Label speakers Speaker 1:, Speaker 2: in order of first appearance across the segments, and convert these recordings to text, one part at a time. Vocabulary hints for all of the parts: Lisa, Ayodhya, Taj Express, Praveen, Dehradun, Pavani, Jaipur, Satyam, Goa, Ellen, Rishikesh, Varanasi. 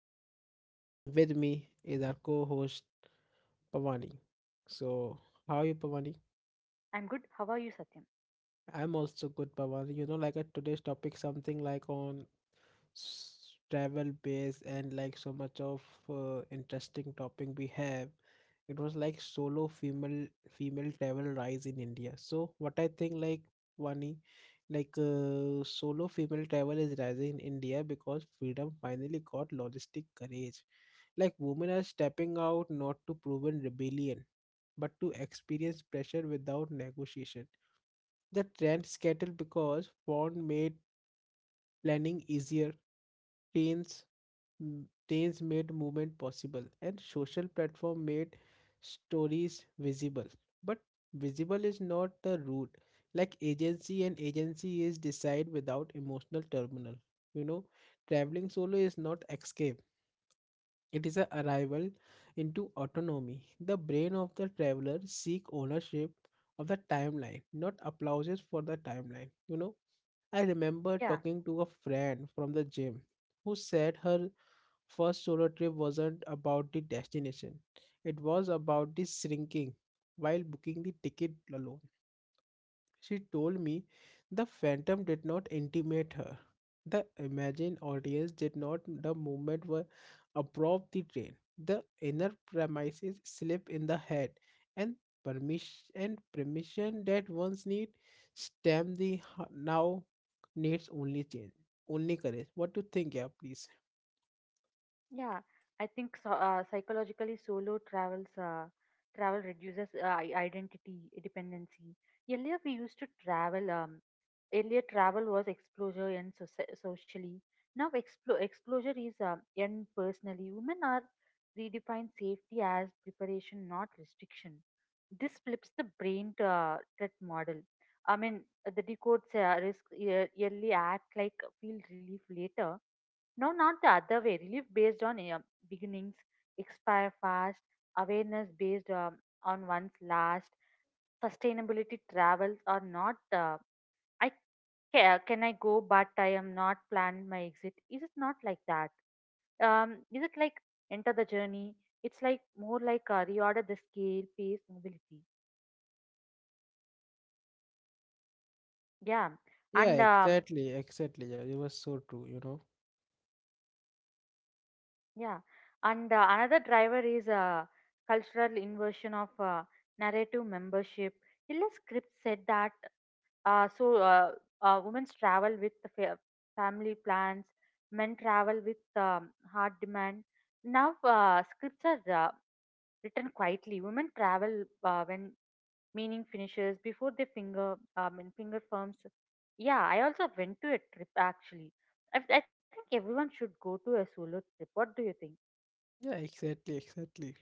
Speaker 1: Satyam and with me is our co-host Pavani. So, how are you Pavani?
Speaker 2: I'm good. How are you, Satyam?
Speaker 1: I'm also good, Pawan. You know, like a today's topic, something like on travel base and like so much of interesting topic we have. It was like solo female travel rise in India. So what I think like Vani, like solo female travel is rising in India because freedom finally got logistic courage. Like women are stepping out not to prove in rebellion, but to experience pressure without negotiation the trend scattered because Bond made planning easier, trains, trains made movement possible, and social platform made stories visible. But visible is not the root. Like agency is decide without emotional terminal. You know, traveling solo is not escape. It is a arrival into autonomy. The brain of the traveler seek ownership of the timeline, not applauses for the timeline. You know, I remember
Speaker 2: Yeah,
Speaker 1: talking to a friend from the gym who said her first solo trip wasn't about the destination, it was about the shrinking while booking the ticket alone. She told me the phantom did not intimate her. The imagined audience did not the movement were above the train. The inner premises slip in the head and permission that once need stem the now needs only change. Only courage. What do you think, yeah, please?
Speaker 2: yeah. I think so, psychologically, solo travel reduces identity dependency. Earlier, we used to travel. Earlier, travel was exposure and socially. Now, exposure is and personally. Women are redefine safety as preparation, not restriction. This flips the brain to, that model. I mean, the decodes risk yearly act like feel relief later. No, not the other way. Relief based on beginnings, expire fast, awareness based on one's last, sustainability travels or not. I can I go, but I am not planned my exit. Is it not like that? Is it like enter the journey? It's like more like reorder the scale, pace, mobility. Yeah,
Speaker 1: Yeah,
Speaker 2: and um,
Speaker 1: exactly, exactly. Yeah, it was so true, you know.
Speaker 2: Yeah, and another driver is a cultural inversion of narrative membership. Illa script said that so women travel with the family plans, men travel with hard demand. Now scripts are written quietly. Women travel when meaning finishes before they finger and finger firms. Yeah, I also went to a trip actually. I think everyone should go to a solo trip. What do you think?
Speaker 1: Yeah, exactly, exactly.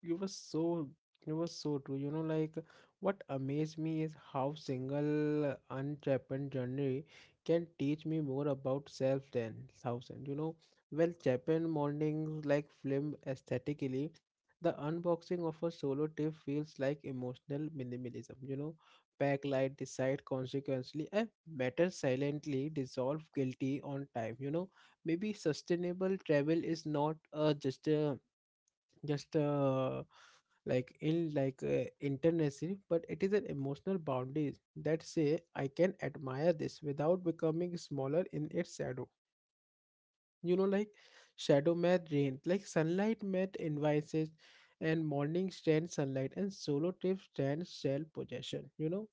Speaker 1: You were so, you were so true. You know, like what amazed me is how single unchapened journey can teach me more about self than thousand. You know, well, Japan mornings like film aesthetically, the unboxing of a solo tip feels like emotional minimalism. You know, backlight decide consequently, and matter silently dissolve guilty on time. You know maybe sustainable travel is not just a like in like international, but it is an emotional boundaries that say I can admire this without becoming smaller in its shadow. You know, like shadow met rain, like sunlight met invoices, and morning stand sunlight and solo trips stand shell possession, you know.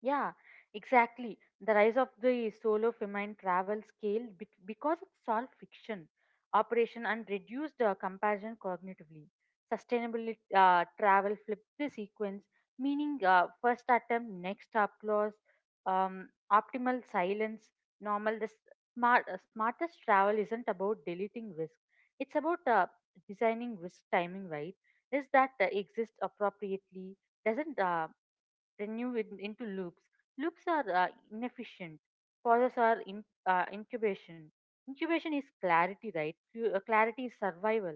Speaker 2: Yeah, exactly. The rise of the solo feminine travel scale because it solved fiction operation, and reduced comparison cognitively. Sustainable travel flipped the sequence, meaning first attempt, next stop clause, optimal silence, normal. The smartest travel isn't about deleting risk, it's about designing risk timing right. Is that exists appropriately doesn't renew into loops. Loops are inefficient. Pauses are incubation. Incubation is clarity, right? Clarity is survival.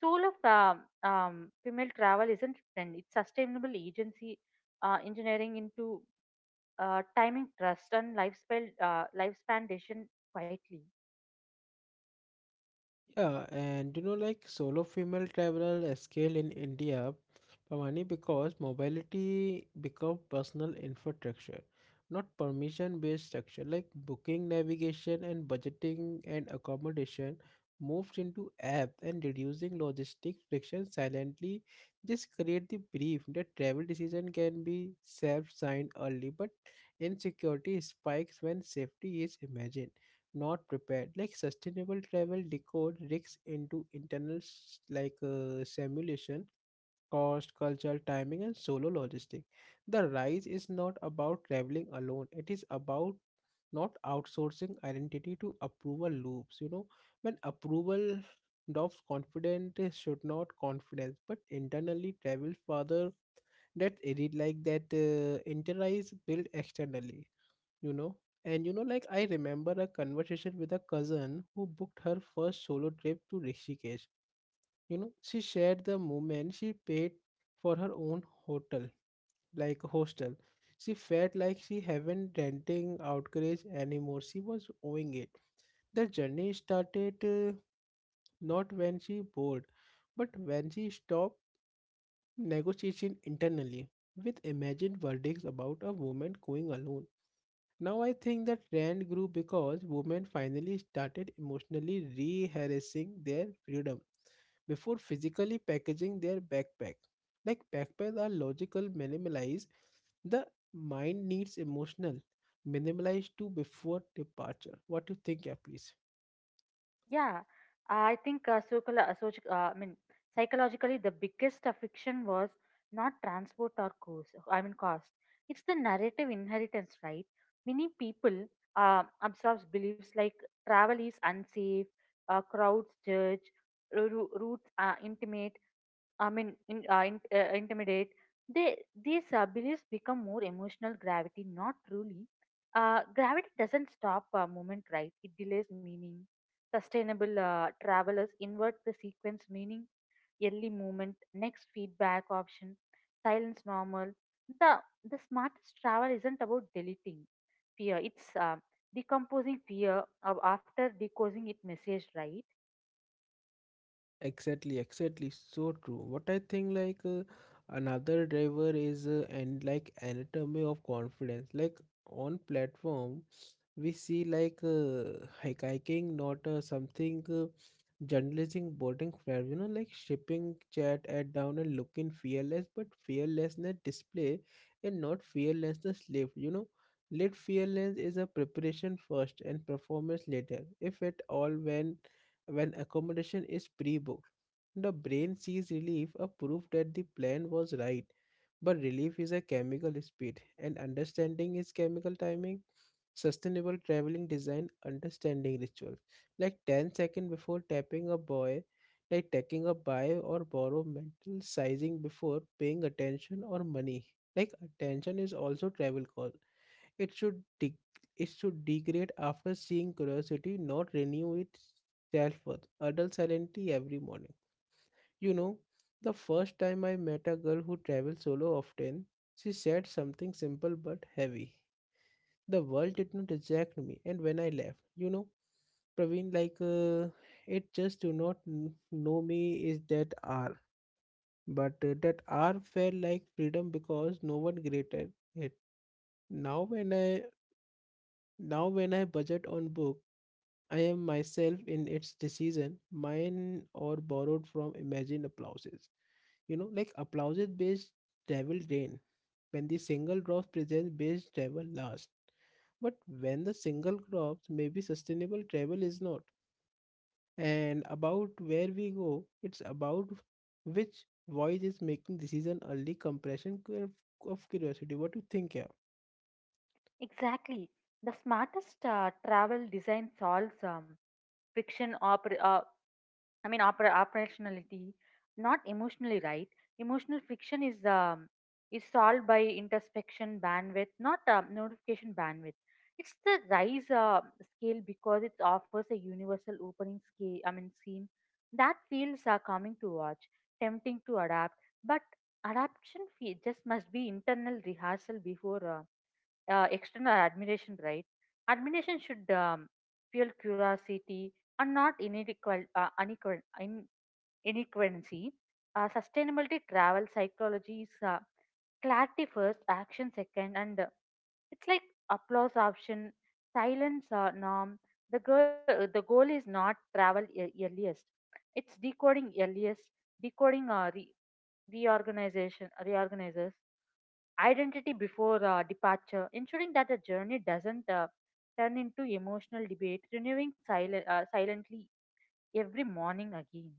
Speaker 2: Soul of female travel isn't trend. It's sustainable agency engineering into timing trust and lifespan decision quietly.
Speaker 1: Yeah, and you know, like solo female traveler scale in India, Pavani, because mobility become personal infrastructure, not permission-based structure. Like booking, navigation, and budgeting and accommodation moves into app and reducing logistic friction silently. This create the belief that travel decision can be self-signed early, but insecurity spikes when safety is imagined not prepared, like sustainable travel decode risks into internal like simulation cost cultural timing and solo logistic. The rise is not about traveling alone, it is about not outsourcing identity to approval loops. You know, when approval drops confidence should not confidence but internally travel further, that it is like that internalize build externally. You know, and you know, like I remember a conversation with a cousin who booked her first solo trip to Rishikesh. You know, she shared the moment she paid for her own hotel, like hostel, she felt like she haven't renting outrage anymore, she was owing it. The journey started not when she bored but when she stopped negotiating internally with imagined verdicts about a woman going alone. Now I think that trend grew because women finally started emotionally rehearsing their freedom before physically packaging their backpack. Like backpacks are logical minimalize, the mind needs emotional minimalize too before departure. What do you think, yeah, please?
Speaker 2: Yeah, I think I mean psychologically the biggest affliction was not transport or cost. I mean cost. It's the narrative inheritance, right? Many people absorbs beliefs like travel is unsafe, crowds judge, routes are intimate, I mean, intimidate. They these beliefs become more emotional gravity, not truly. Gravity doesn't stop a moment, right? It delays meaning. Sustainable travelers invert the sequence meaning, early movement, next feedback option, silence normal. The the smartest travel isn't about deleting fear. It's decomposing fear of after decoding it message, right?
Speaker 1: Exactly, exactly. So true. What I think like another driver is and like anatomy of confidence. Like on platform, we see like hiking, not something journalism boarding fair. You know, like shipping chat at down and looking fearless, but fearlessness display and not fearlessness lived. You know, lit fearless is a preparation first and performance later, if at all when accommodation is pre-booked the brain sees relief, a proof that the plan was right. But relief is a chemical speed, and understanding is chemical timing. Sustainable traveling design understanding rituals, like 10 seconds before tapping a boy, like taking a buy or borrow mental sizing before paying attention or money. Like attention is also travel call. It should de- it should degrade after seeing curiosity, not renew itself with adult serenity every morning. You know, the first time I met a girl who traveled solo often, she said something simple but heavy. The world did not reject me, and when I left, you know, Praveen, like it just do not know me is that R, but that R felt like freedom because no one graded it. Now when I now when I budget on book. I am myself in its decision, mine or borrowed from imagined applauses. You know, like applauses based travel drain. When the single drops present based travel last. But when the single drops may be sustainable, travel is not. And about where we go, it's about which voice is making decision early compression curve of curiosity. What do you think, yeah?
Speaker 2: Exactly. The smartest travel design solves friction I mean operationality, not emotionally, right? Emotional friction is is solved by introspection bandwidth, not notification bandwidth. It's the rise scale because it offers a universal opening scale. I mean scene that feels are coming to watch, tempting to adapt, but adaptation just must be internal rehearsal before. External admiration, right? Admiration should fuel curiosity and not unequal, inequality. Sustainability travel psychology is clarity first, action second, and it's like applause option, silence norm. The goal is not travel earliest, it's decoding earliest, decoding reorganization, reorganizers identity before departure, ensuring that the journey doesn't turn into emotional debate, renewing silently every morning again.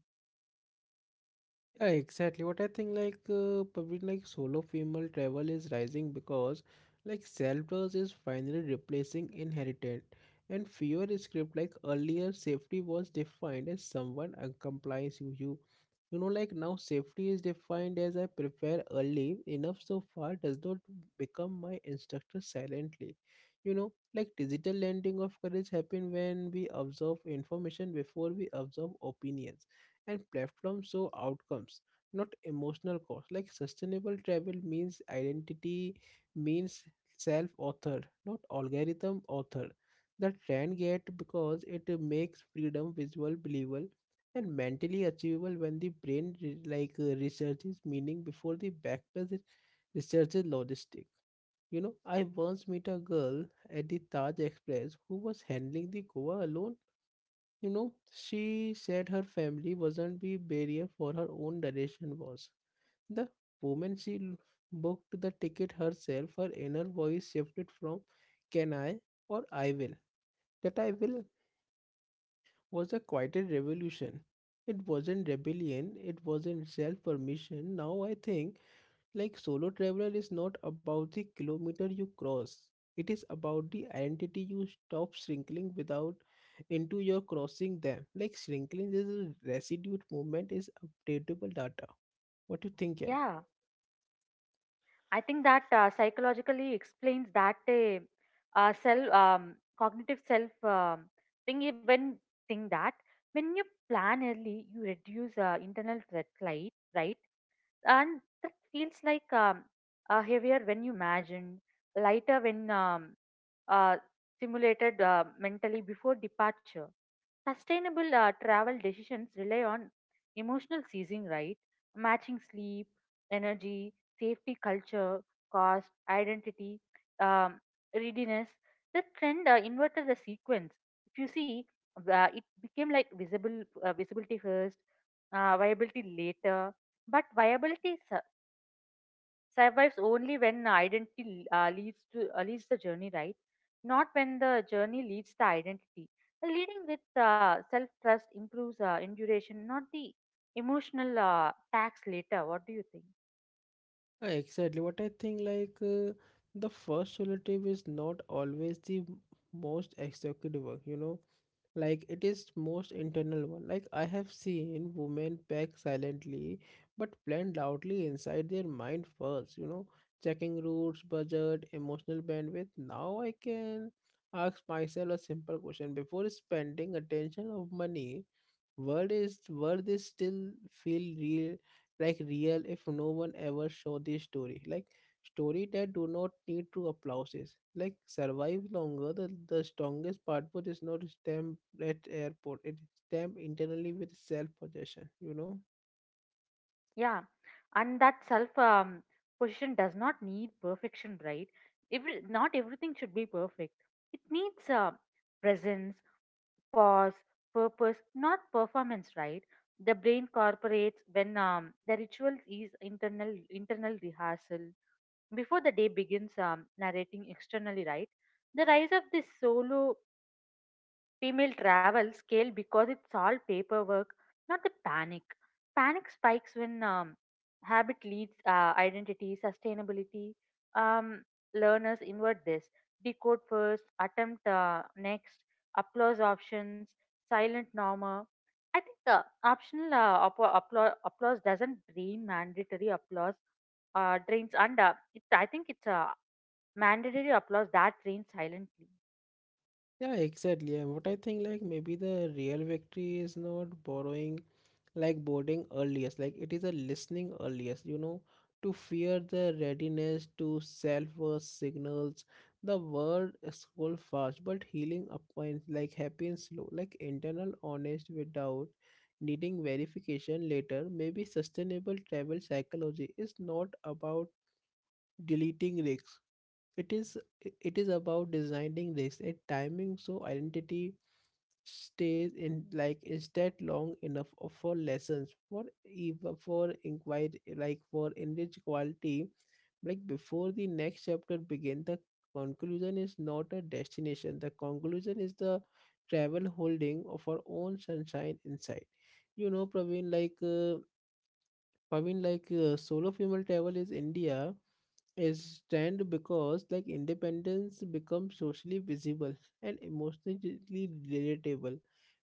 Speaker 1: Yeah, exactly. What I think like probably like solo female travel is rising because like self-trust is finally replacing inheritance and fewer script, like earlier safety was defined as someone complies you. You know, like now safety is defined as I prepare early enough so far does not become my instructor silently. You know, like digital lending of courage happen when we observe information before we observe opinions, and platforms show outcomes not emotional cost, like sustainable travel means identity means self authored not algorithm authored. The trend get because it makes freedom visual believable and mentally achievable when the brain like researches meaning before the backpack researches logistic. You know, I once met a girl at the Taj Express who was handling the Goa alone. You know, she said her family wasn't the barrier, for her own direction was. The moment she booked the ticket herself, her inner voice shifted from can I or I will. That I will was a quieted revolution. It wasn't rebellion, it wasn't self permission. Now I think. Like solo traveler is not about the kilometer you cross. It is about the identity you stop shrinking without into your crossing them. Like shrinking is a residue movement is updatable data. What do you think, yeah?
Speaker 2: Yeah. I think that psychologically explains that self cognitive self thing. You- When think that when you plan early, you reduce internal red light, right? And that feels like heavier when you imagine, lighter when uh, stimulated mentally before departure. Sustainable travel decisions rely on emotional seizing, right? Matching sleep, energy, safety culture, cost, identity, um, readiness. The trend inverted the sequence. If you see, it became like visible visibility first, viability later. But viability survives only when identity leads the journey, right? Not when the journey leads to identity. Leading with self trust improves enduration, not the emotional tax later. What do you think?
Speaker 1: Exactly. What I think like the first solo trip is not always the most executive work, you know. Like it is most internal one, like I have seen women pack silently but plan loudly inside their mind first. You know, checking routes budget emotional bandwidth, now I can ask myself a simple question before spending attention of money. World is still feel real, like real if no one ever saw this story. Like story that do not need to applauses. Like survive longer. The strongest part but is not stamp at airport. It stamp internally with self possession, you know?
Speaker 2: Yeah, and that self position does not need perfection, right? Every not everything should be perfect. It needs presence, pause, purpose, not performance, right? The brain cooperates when the ritual is internal rehearsal before the day begins narrating externally, right? The rise of this solo female travel scale because it's all paperwork, not the panic. Panic spikes when habit leads identity, sustainability. Um, learners invert this decode first, attempt next, applause options, silent norma. I think the optional applause doesn't drain mandatory applause, drains under. I think it's a mandatory applause that drains silently.
Speaker 1: Yeah, exactly. And what I think like maybe the real victory is not borrowing like boarding earliest, like it is a listening earliest. You know, to fear the readiness to self worth signals, the world scroll fast but healing appoints like happy and slow, like internal honest without needing verification later. Maybe sustainable travel psychology is not about deleting risks, it is it is about designing this and timing so identity stays in like instead long enough for lessons for even for inquiry, like for enriched quality, like before the next chapter begin. The conclusion is not a destination, the conclusion is the travel holding of our own sunshine inside. You know, Praveen, like I like solo female travel is India is trend because like independence becomes socially visible and emotionally relatable.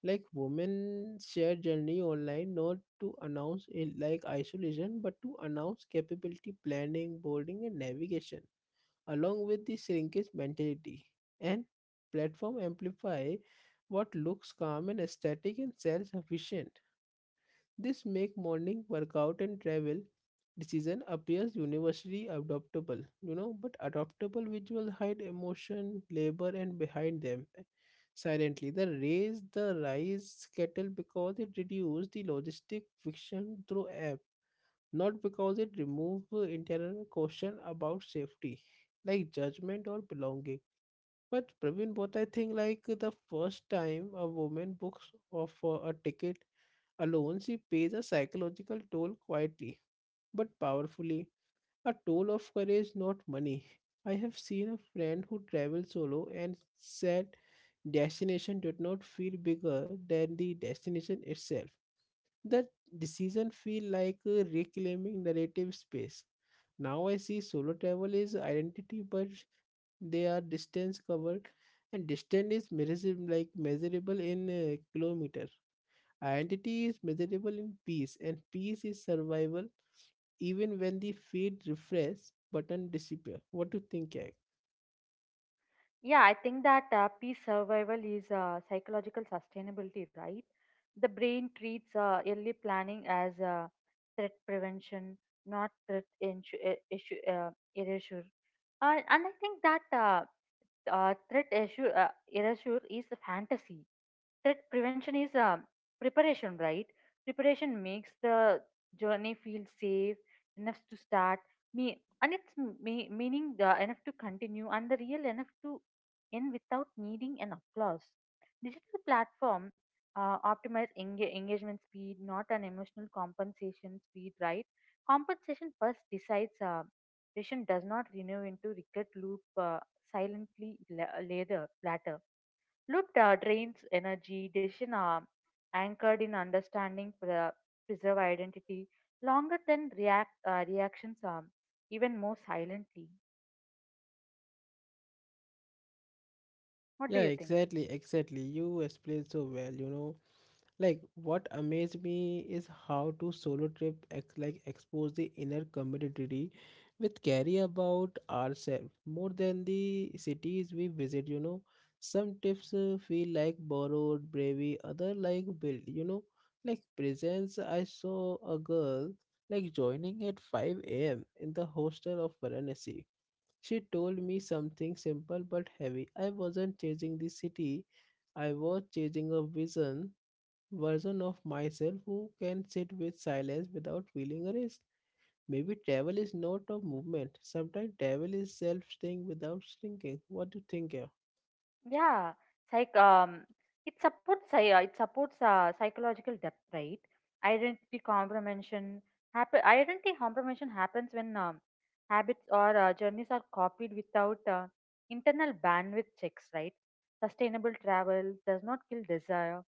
Speaker 1: Like women share journey online not to announce it like isolation, but to announce capability, planning, boarding, and navigation, along with the shrinkage mentality. And platform amplify what looks calm and aesthetic and self-sufficient. This make morning workout and travel decision appears universally adoptable, you know, but adoptable visual hide emotion, labor and behind them silently. The rise kettle because it reduce the logistic friction through app, not because it remove internal caution about safety, like judgment or belonging. But Praveen, what I think like the first time a woman books of a ticket alone, she pays a psychological toll quietly but powerfully, a toll of courage, not money. I have seen a friend who traveled solo and said destination did not feel bigger than the destination itself. The decision feel like a reclaiming narrative space. Now I see solo travel is identity, but they are distance covered, and distance is measurable, like measurable in kilometer. Identity is measurable in peace, and peace is survival even when the feed refresh button disappear. What do you think, Jack?
Speaker 2: Yeah, I think that peace survival is psychological sustainability, right? The brain treats early planning as threat prevention, not threat erasure. And I think that threat erasure is a fantasy. Threat prevention is preparation, right? Preparation makes the journey feel safe enough to start me, and it's meaning the enough to continue and the real enough to end without needing an applause. Digital platform optimize engagement speed, not an emotional compensation speed, right? Compensation first decides patient does not renew into regret loop. Silently later, latter. Loop drains energy, decision arm, anchored in understanding, preserve identity, longer than reactions arm, even more silently. What do
Speaker 1: Yeah,
Speaker 2: you think?
Speaker 1: exactly, exactly. You explained so well, you know. Like what amazed me is how to solo trip like expose the inner community with carry about ourselves more than the cities we visit. You know, some tips feel like borrowed bravery, other like built. You know, like presents. I saw a girl like joining at 5 a.m. in the hostel of Varanasi. She told me something simple but heavy. I wasn't chasing the city. I was chasing a vision version of myself who can sit with silence without feeling erased. Maybe travel is not a movement. Sometimes travel is self staying without shrinking. What do you think here?
Speaker 2: Yeah. Psych. Um, it supports psy- uh, it supports psychological depth, right? Identity comprehension Identity comprehension happens when habits or journeys are copied without internal bandwidth checks, right? Sustainable travel does not kill desire.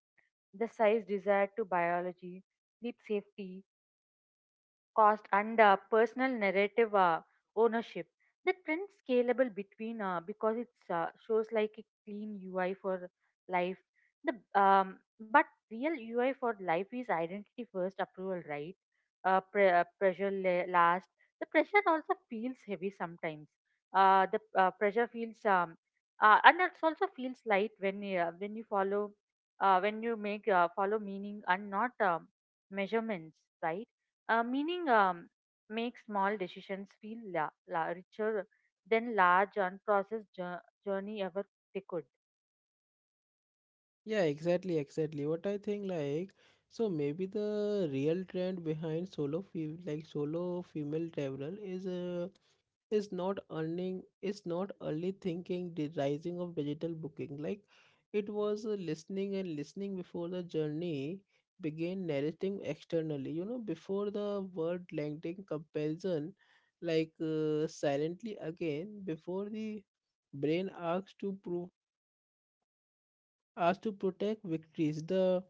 Speaker 2: The size desire to biology, sleep safety, cost and personal narrative ownership. The print scalable between because it shows like a clean UI for life. The but real UI for life is identity first approval, right? Pressure last. The pressure also feels heavy sometimes. The pressure feels and it also feels light when you follow when you make follow meaning and not measurements, right? Meaning, make small decisions feel richer than large, unprocessed journey ever they could.
Speaker 1: Yeah, exactly, exactly. What I think like so maybe the real trend behind solo like solo female traveler is not earning is not early thinking the rising of digital booking like it was listening and listening before the journey began narrating externally, you know, before the word landing comparison like silently again before the brain asks to prove as to protect victories, the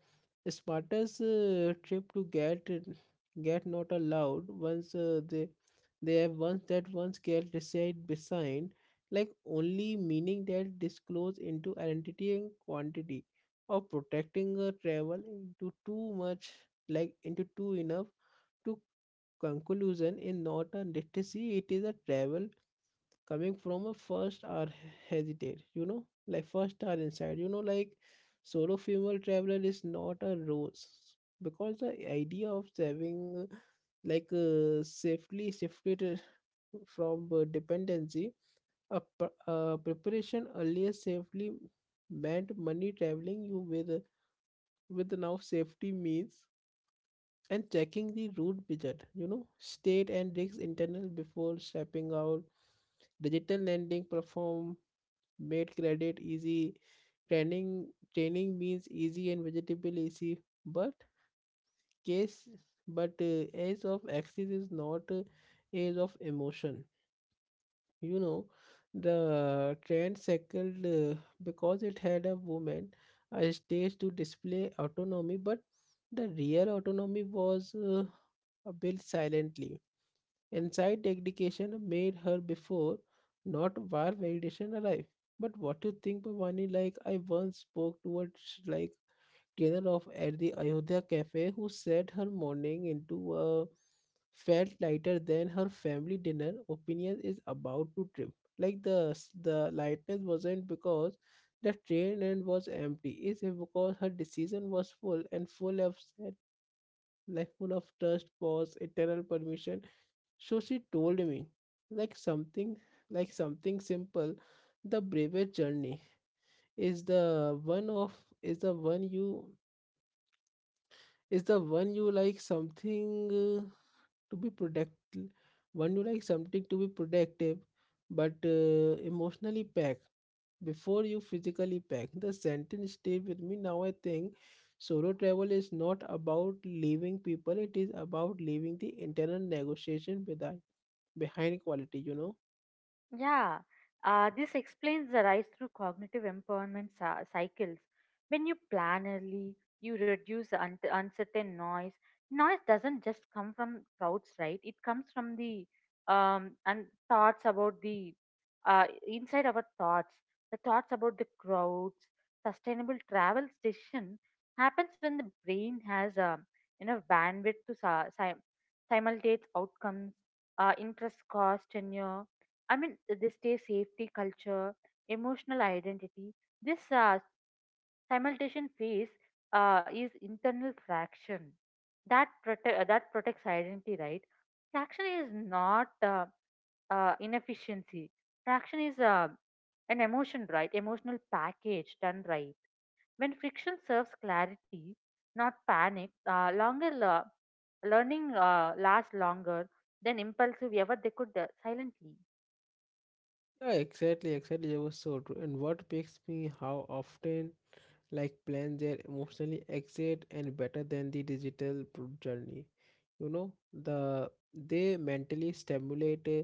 Speaker 1: smartest trip to get not allowed once they have once that once get decide beside like only meaning that disclose into identity and quantity of protecting a travel into too much like into too enough to conclusion in not a literacy it is a travel coming from a first are hesitate, you know, like first are inside, you know, like solo female traveler is not a rose because the idea of saving like safely shifted from dependency a, a preparation earlier safely meant money traveling you with now safety means and checking the route budget, you know, state and risk internal before stepping out digital lending perform made credit easy. Training training means easy and vegetable easy, but case but age of axis is not age of emotion. You know, the trend circled because it had a woman a stage to display autonomy, but the real autonomy was built silently inside education made her before, not where validation arrived. But what you think, Bhavani? Like I once spoke to a like trainer of at the Ayodhya cafe who said her morning into a felt lighter than her family dinner. Opinion is about to trip. Like the lightness wasn't because the train end was empty. It's because her decision was full and full of set, like full of trust, pause, eternal permission so she told me, like something, like something simple. The bravest journey is the one of is the one you is the one you like something to be protect one you like something to be protective, but emotionally packed before you physically pack. The sentence stayed with me. Now I think solo travel is not about leaving people; it is about leaving the internal negotiation behind quality. You know.
Speaker 2: Yeah, this explains the rise through cognitive empowerment cycles. When you plan early, you reduce the uncertain noise. Noise doesn't just come from crowds, right? It comes from the and thoughts about the inside our thoughts. The thoughts about the crowds, sustainable travel decision happens when the brain has enough bandwidth to simulate outcomes, interest, cost, tenure I mean, they stay safety, culture, emotional identity. This simultation phase is internal fraction that protects identity, right? Fraction is not inefficiency. Fraction is an emotion, right? Emotional package done right. When friction serves clarity, not panic, longer learning lasts longer than impulsive ever they could silently.
Speaker 1: Yeah, exactly, exactly. It was so true. And what piques me? How often? Like plan their emotionally exit and better than the digital journey, you know, the they mentally stimulate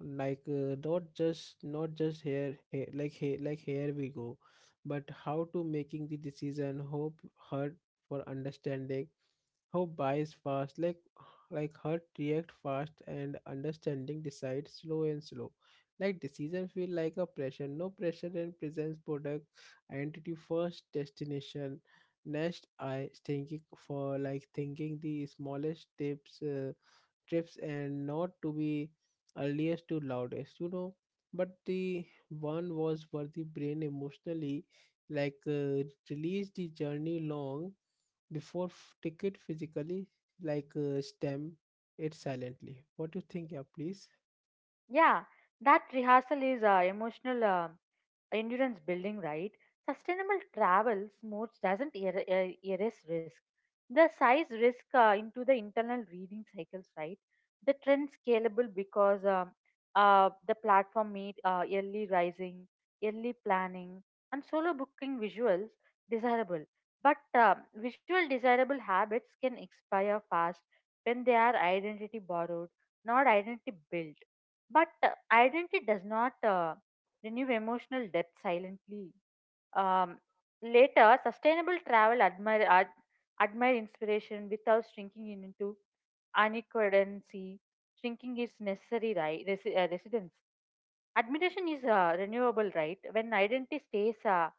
Speaker 1: like not just here, here like here like here we go but how to making the decision hope hurt for understanding hope buys fast like hurt react fast and understanding decide slow and slow like decision feel like a pressure no pressure and presents product identity first destination next I thinking for like thinking the smallest tips trips and not to be earliest to loudest, you know, but the one was where the brain emotionally like release the journey long before ticket physically like stem it silently what do you think yeah please.
Speaker 2: Yeah, that rehearsal is emotional. Endurance building, right? Sustainable travel modes doesn't erase risk. The size risk into the internal reading cycles, right? The trend scalable because the platform made early rising, early planning, and solo booking visuals desirable. But visual desirable habits can expire fast when they are identity borrowed, not identity built. But identity does not, renew emotional depth silently. Um, later, sustainable travel admire inspiration without shrinking into unequivalency. Shrinking is necessary, right? Residence. Admiration is renewable, right? When identity stays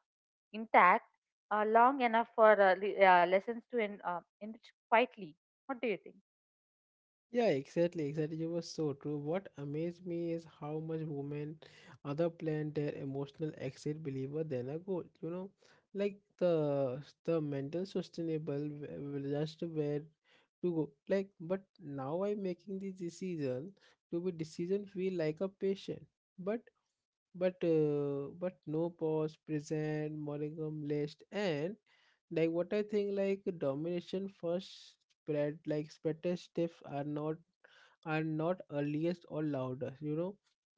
Speaker 2: intact long enough for lessons to enrich quietly. What do you think?
Speaker 1: Yeah, exactly, exactly. You were so true. What amazed me is how much women other plan their emotional exit believer than a goal. You know, like the mental sustainable just where to go. Like, but now I'm making this decision to be decision feel like a patient. But but no pause, present, morningum list, and like what I think like domination first spread like spread stiff are not earliest or loudest, you know,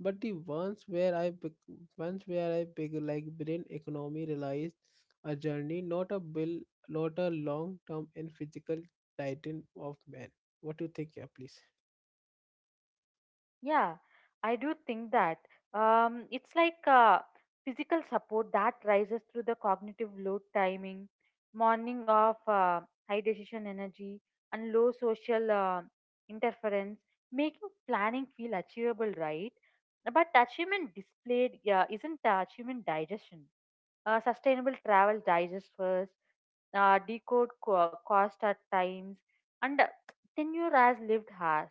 Speaker 1: but the ones where I pick like brain economy realized a journey not a bill not a long term and physical titan of man what do you think yeah please.
Speaker 2: Yeah, I do think that it's like physical support that rises through the cognitive load timing, morning of high decision energy, and low social interference, making planning feel achievable, right? But achievement displayed, yeah, isn't achievement digestion. Sustainable travel digest first, decode cost at times, and tenure as lived has.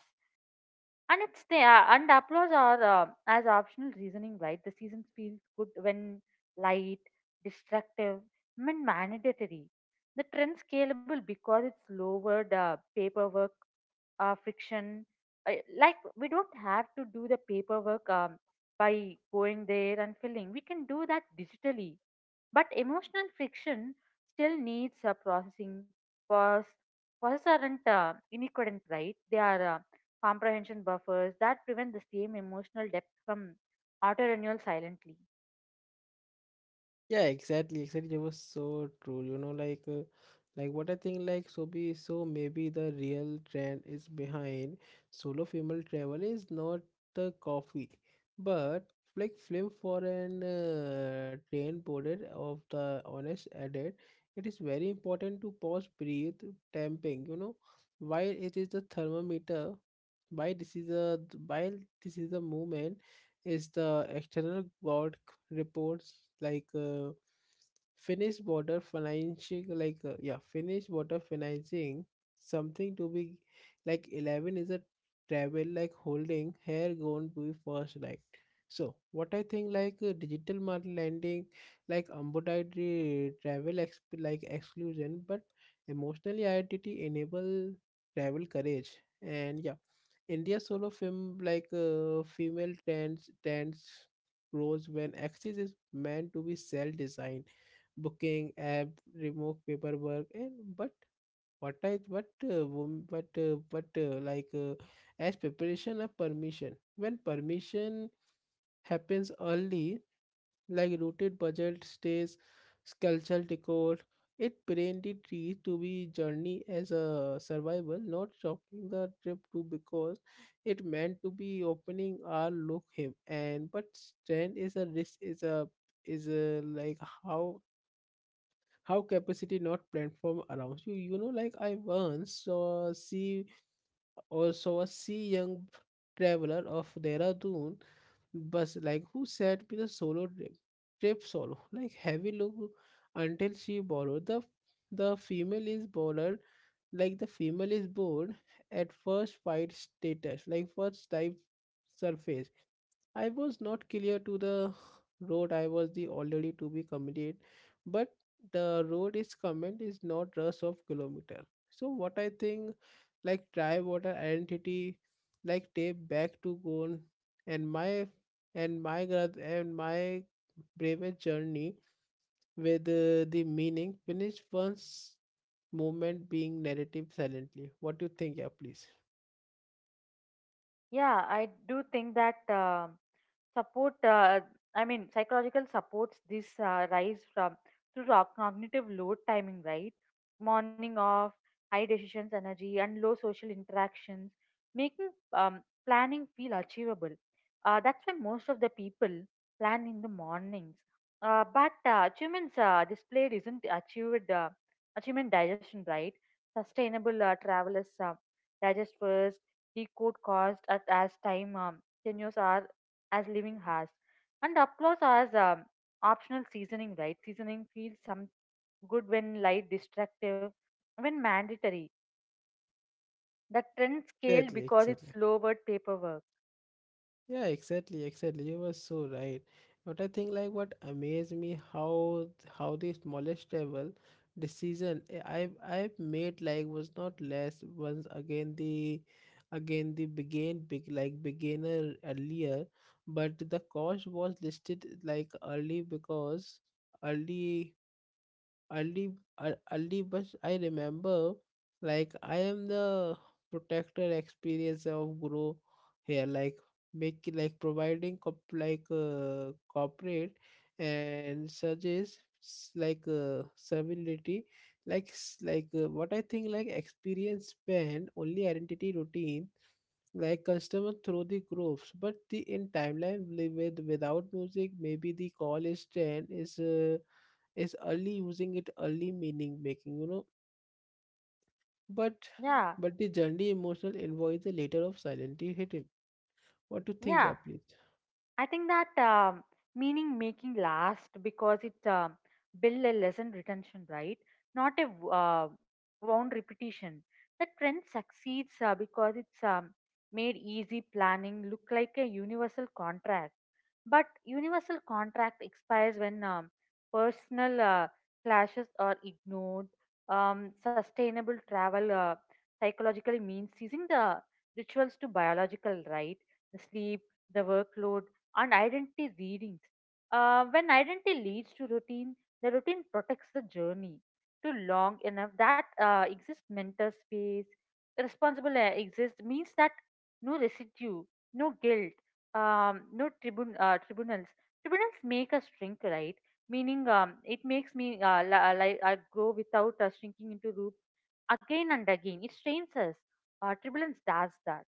Speaker 2: And it's the and applause are as optional reasoning, right? The seasons feels good when light, destructive, when mandatory. The trend scalable because it's lowered paperwork, friction. Like we don't have to do the paperwork by going there and filling. We can do that digitally. But emotional friction still needs a processing because processes aren't inequivalent, right? They are comprehension buffers that prevent the same emotional depth from auto renewal silently.
Speaker 1: Yeah, exactly, exactly. That was so true. You know, like what I think, like, so maybe the real trend is behind solo female travel is not the coffee, but like film for an train boarded of the honest edit. It is very important to pause, breathe, tamping. You know, while it is the thermometer, why this is a while this is the moment is the external god reports like Finnish border financing like yeah Finnish border financing something to be like 11 is a travel like holding here going to be first right so what I think like digital market lending like ambulatory travel like exclusion but emotionally identity enable travel courage and yeah India solo film like female trends grows when access is meant to be self designed booking app remove paperwork and but what I but but like as preparation of permission when permission happens early like rooted budget stays sculptural decor it branded trees to be journey as a survival not shocking the trip to because it meant to be opening our look him and but strength is a risk is a like how capacity not platform around you, you know, like I once saw see also a sea young traveler of Dehradun bus like who said with a solo trip trip solo like heavy look until she borrowed the female is bored like the female is bored at first fight status like first type surface I was not clear to the road I was the already to be committed, but the road is comment is not rush of kilometer. So what I think like try water identity like tape back to goal and my and my bravest journey with the meaning finish once moment being narrative silently. What do you think, yeah please?
Speaker 2: Yeah, I do think that. Support I mean psychological supports this rise from through our cognitive load timing, right? Morning off high decisions energy and low social interactions making um, planning feel achievable. That's why most of the people plan in the mornings. But Achievements displayed isn't achieved, achievement digestion, right? Sustainable travelers digest first, decode cost at as time, tenures are as living has. And applause as optional seasoning, right? Seasoning feels some good when light, destructive, when mandatory. The trend scaled
Speaker 1: Exactly,
Speaker 2: because it's
Speaker 1: exactly.
Speaker 2: lowered paperwork.
Speaker 1: Yeah, exactly, exactly. You were so right. But I think like what amazed me how the smallest level decision I've made like was not less once again the begin big like beginner earlier, but the cost was listed like early because early early early bus I remember like I am the protector experience of grow here like make like providing cop like corporate and suggest like servility like like what I think like experience span only identity routine like customer through the groups but the in timeline with without music maybe the call is 10 is early using it early meaning making, you know, but
Speaker 2: Yeah,
Speaker 1: but the generally emotional invoice the later of silently hidden what to think yeah
Speaker 2: yeah.
Speaker 1: please.
Speaker 2: I think that meaning making last because it build a lesson retention, right? Not a wound repetition. The trend succeeds because it's made easy planning look like a universal contract. But universal contract expires when personal clashes are ignored. Sustainable travel psychologically means using the rituals to biological, right? The sleep, the workload and identity readings. When identity leads to routine, the routine protects the journey to long enough that exists mental space. Responsible exists means that no residue, no guilt, no tribun- tribunals. Tribunals make us shrink, right? Meaning, it makes me I grow without shrinking into root again and again. It strains us. Tribulance does that.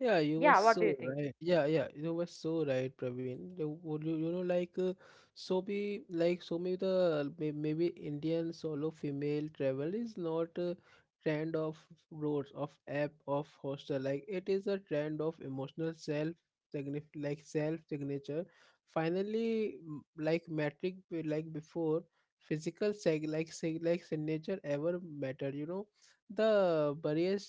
Speaker 1: Yeah, you were
Speaker 2: Yeah, what do you
Speaker 1: so
Speaker 2: think?
Speaker 1: right. Yeah, yeah, you were so right, Praveen. You, would you, you know, like so be like so maybe the maybe Indian solo female travel is not a trend of roads of app of hostel. Like it is a trend of emotional self signif like self signature. Finally, like metric like before physical seg like sig like signature ever mattered. You know the barriers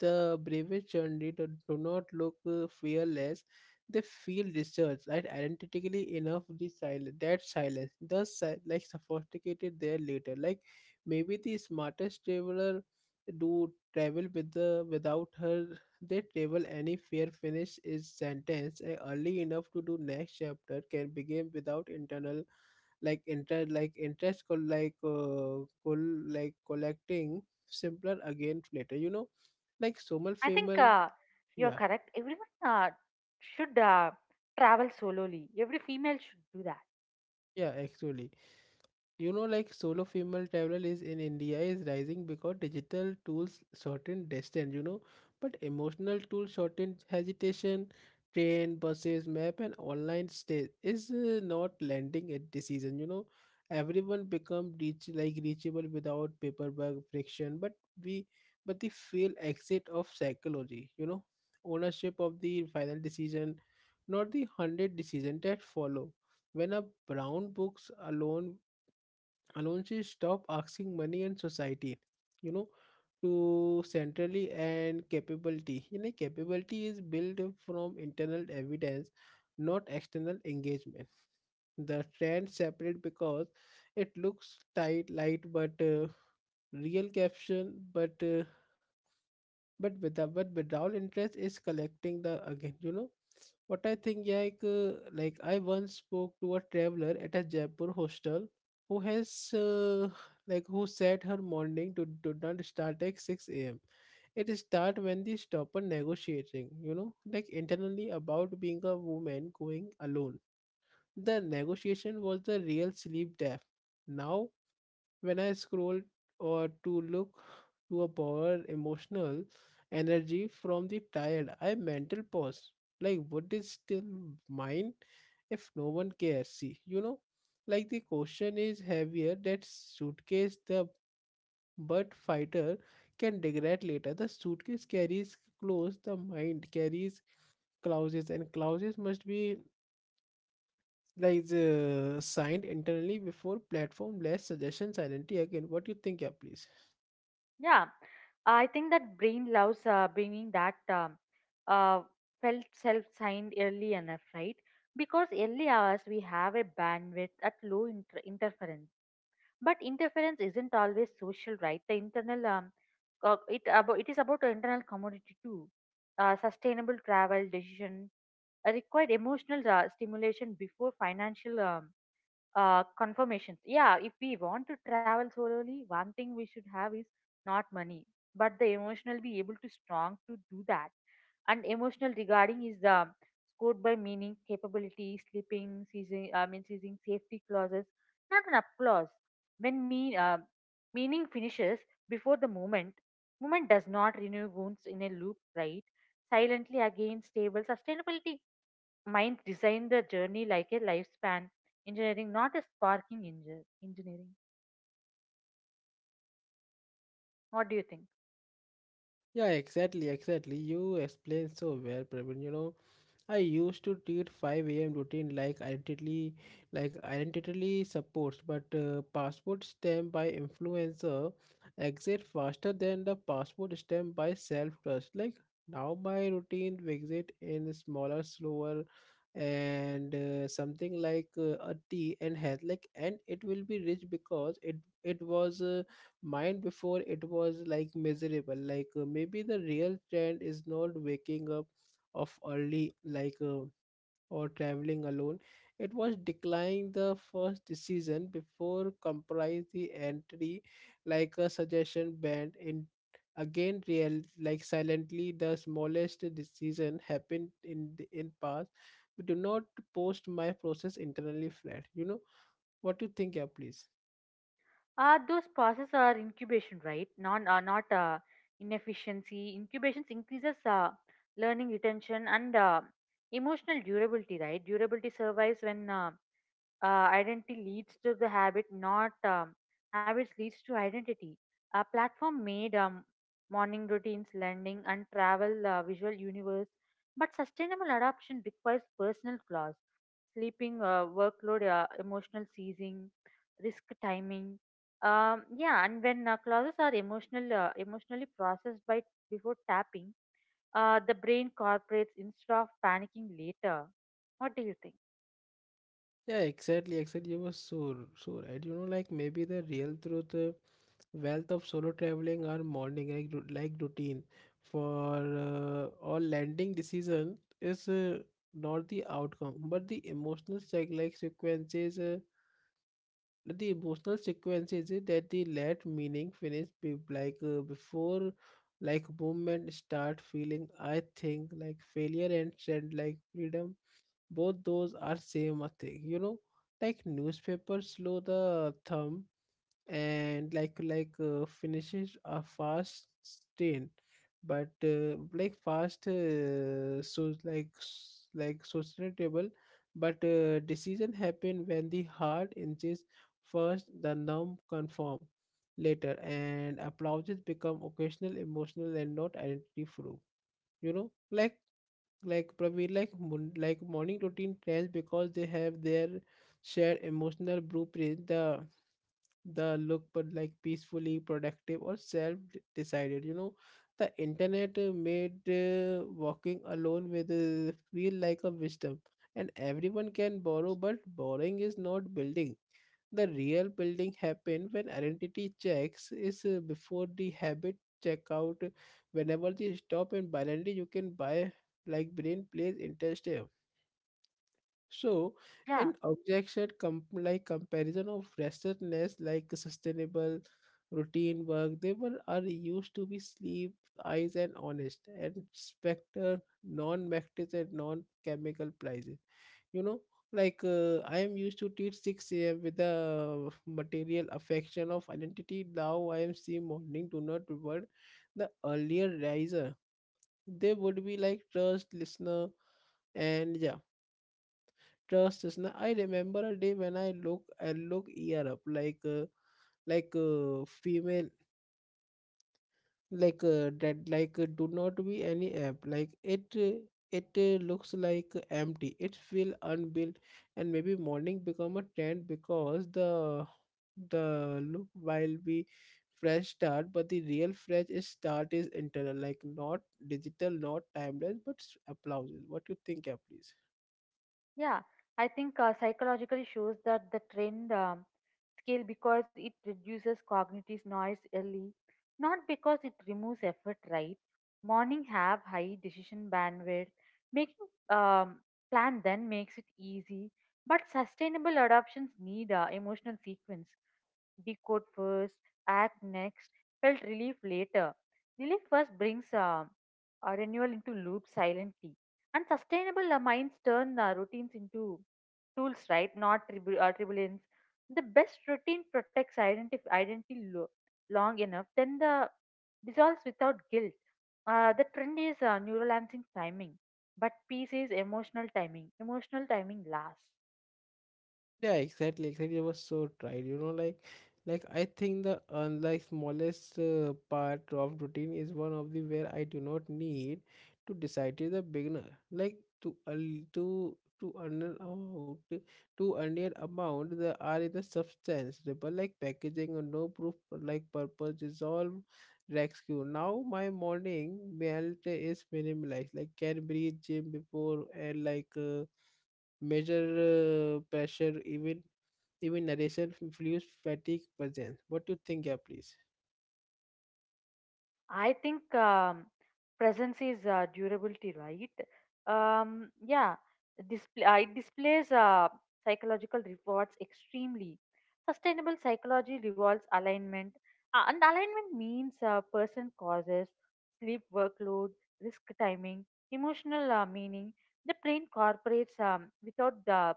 Speaker 1: the bravest journey do not look fearless. They feel researched and identically enough the silence that silence thus like sophisticated their later. Like maybe the smartest traveler do travel with the without her they travel any fear finish is sentence and early enough to do next chapter can begin without internal like inter like like like collecting simpler again later, you know, like Somal
Speaker 2: I think
Speaker 1: Femal,
Speaker 2: you're
Speaker 1: yeah,
Speaker 2: correct. Everyone should travel solely. Every female should do that.
Speaker 1: yeah, actually. You know, like solo female travel is in india is rising because digital tools shorten distance, you know, but emotional tools shorten hesitation train buses map and online stay is not landing at decision, you know, everyone become reach like reachable without paperwork friction but we but the feel exit of psychology, you know, ownership of the final decision not the 100 decision that follow when a brown books alone Alonji stopped asking money and society, you know, to centrally and capability. You know, capability is built from internal evidence, not external engagement. The trend separate because it looks tight, light, but real caption, but without but withdrawal interest is collecting the again, you know what I think yeah, like I once spoke to a traveler at a Jaipur hostel who has uh, who said her morning to do not start at 6 a.m. It start when the stopper negotiating, you know, like internally about being a woman going alone. The negotiation was the real sleep death. Now when I scroll or to look to a borrowed emotional energy from the tired, I mental pause. Like what is still mine if no one cares? See, you know, like the question is heavier that suitcase, the but fighter can degrade later. The suitcase carries clothes, the mind carries clauses, and clauses must be signed internally before platform less suggestion silently again. What do you think? Yeah, please.
Speaker 2: Yeah, I think that brain loves bringing that uh, felt self signed early enough, right? Because early hours we have a bandwidth at low interference. But interference isn't always social, right? The internal it is about the internal commodity too. Sustainable travel decision required emotional stimulation before financial confirmations. Yeah, if we want to travel solely, one thing we should have is not money, but the emotional be able to strong to do that. And emotional regarding is the scored by meaning, capability, sleeping, seizing, I mean, seizing safety clauses, not an applause. When meaning finishes before the moment, moment does not renew wounds in a loop, right? Silently again, stable sustainability. Minds design the journey like a lifespan engineering, not a sparking engineering. What do you think?
Speaker 1: Yeah, exactly, exactly. You explained so well, Praveen. You know, I used to treat 5 a.m. routine like identity supports, but passport stamp by influencer exit faster than the passport stamp by self trust. Like now, my routine exit in smaller, slower, and something like a tea and health. Like and it will be rich because it was mine before it was like miserable. Maybe the real trend is not waking up of early or traveling alone, it was declining the first decision before comprise the entry like a suggestion band in again real like silently. The smallest decision happened in the in past but do not post my process internally flat, you know. What you think? Yeah, please.
Speaker 2: Those processes are incubation, right? Not inefficiency. Incubations increases learning retention and emotional durability, right? Durability survives when identity leads to the habit, not habits leads to identity. A platform made morning routines, learning, and travel visual universe, but sustainable adoption requires personal flaws, sleeping, workload, emotional seizing, risk timing. Yeah, and when clauses are emotionally processed by before tapping, the brain cooperates instead of panicking later. What do you think?
Speaker 1: Yeah, exactly, exactly. You were so right. You know, like maybe the real truth, wealth of solo traveling are morning like routine for uh, or landing decision is not the outcome, but the emotional sec like sequences. The emotional sequences is that the let meaning finish be, before like movement start feeling. I think like failure and send like freedom, both those are same a thing, you know, like newspaper slow the thumb and finishes a fast stain, but like fast so like s- like sustainable but decision happen when the hard inches first, the numb conform later, and applauses become occasional emotional and not identity proof, you know. Like Praveen, like morning routine trends because they have their shared emotional blueprint. The look, but like peacefully productive or self decided. You know, the internet made walking alone with feel like a wisdom, and everyone can borrow, but borrowing is not building. The real building happen when identity checks is before the habit checkout. Whenever they stop and blindly you can buy, like brain plays interest here. So
Speaker 2: Yeah.
Speaker 1: an objection comparison of restlessness like sustainable routine work, they were are used to be sleep eyes and honest and specter non-metric and non-chemical price, you know. I am used to teach 6 a.m with the material affection of identity. Now I am seeing morning do not reward the earlier riser, they would be like trust listener. And yeah, trust listener. I remember a day when I look ear up like female, like do not be any app like it looks like empty, it feel unbuilt. And maybe morning become a trend because the look while be fresh start, but the real fresh is start is internal, like not digital, not timeless, but applause. What you think? Yeah, please.
Speaker 2: Yeah, I think psychological shows that the trend skill because it reduces cognitive noise early, not because it removes effort, right? Morning have high decision bandwidth. Making plan then makes it easy, but sustainable adoptions need a emotional sequence. Decode first, act next, felt relief later. Relief first brings a renewal into loop silently. And sustainable minds turn routines into tools, right? Not tribulance. The best routine protects identity, identity long enough, then the dissolves without guilt. The trend is neural timing, but peace is emotional timing. Emotional timing lasts.
Speaker 1: Yeah, exactly, exactly. I was so tired, you know, like I think the unlike smallest part of routine is one of the where I do not need to decide as a beginner, like to al- to earn out to earn an amount there are the substance, but like packaging or no proof, like purpose dissolve, rescue. Now my morning melt is minimalized, like can breathe gym before and like. Measure pressure, even narration influence fatigue presence. What do you think? Yeah, please?
Speaker 2: I think presence is durability, right? Yeah, display it displays psychological rewards extremely. Sustainable psychology revolves alignment, and alignment means person causes sleep workload, risk timing, emotional meaning. The brain cooperates without the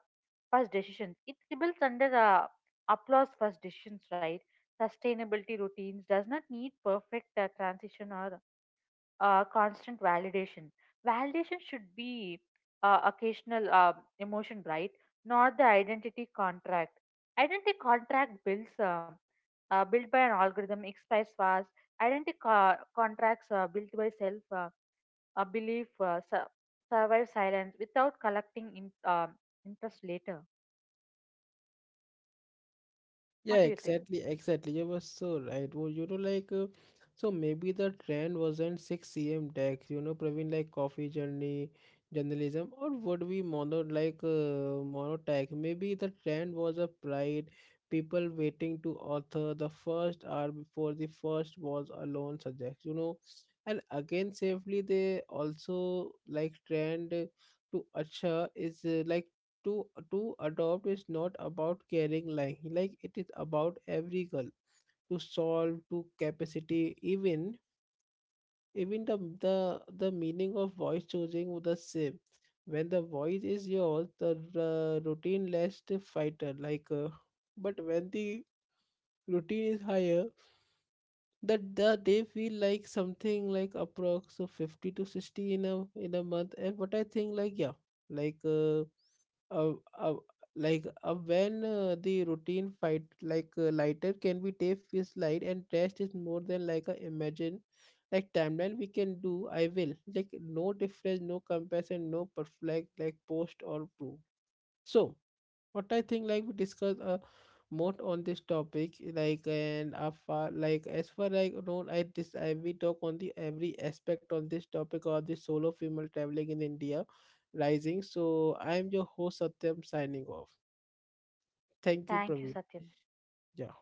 Speaker 2: first decisions. It rebels under applause first decisions, right? Sustainability routines does not need perfect transition or constant validation. Validation should be occasional emotion, right? Not the identity contract. Identity contract builds built by an algorithm expires fast. Contracts built by self belief survive silence without collecting in, interest later. What
Speaker 1: Yeah,
Speaker 2: do you think?
Speaker 1: exactly, exactly. You were so right. Well, you know, so maybe the trend wasn't 6 cm tech, you know, Praveen, like coffee journey, journalism, or would we mono, like mono tech? Maybe the trend was a pride, people waiting to author the first hour before the first was alone subject, you know. And again, safely, they also like trend to Acha is to to adopt is not about caring like it is about every girl to solve to capacity, even the the meaning of voice choosing was the same. When the voice is yours, the routine less fighter, but when the routine is higher, that the, they feel like something like approx of 50 to 60 in a month. And but I think like yeah, like uh, uh, uh when the routine fight lighter can be take, feels light and rest is more than like a imagine like timeline we can do. I will like no difference, no comparison, no perfect like post or proof. So what I think, like we discussed more on this topic, like and after like as far like don't I this I we talk on the every aspect on this topic or the solo female traveling in India rising. So I am your host Satyam signing off. Thank you,
Speaker 2: Thank you,
Speaker 1: Praveen.
Speaker 2: Satyam.
Speaker 1: Yeah.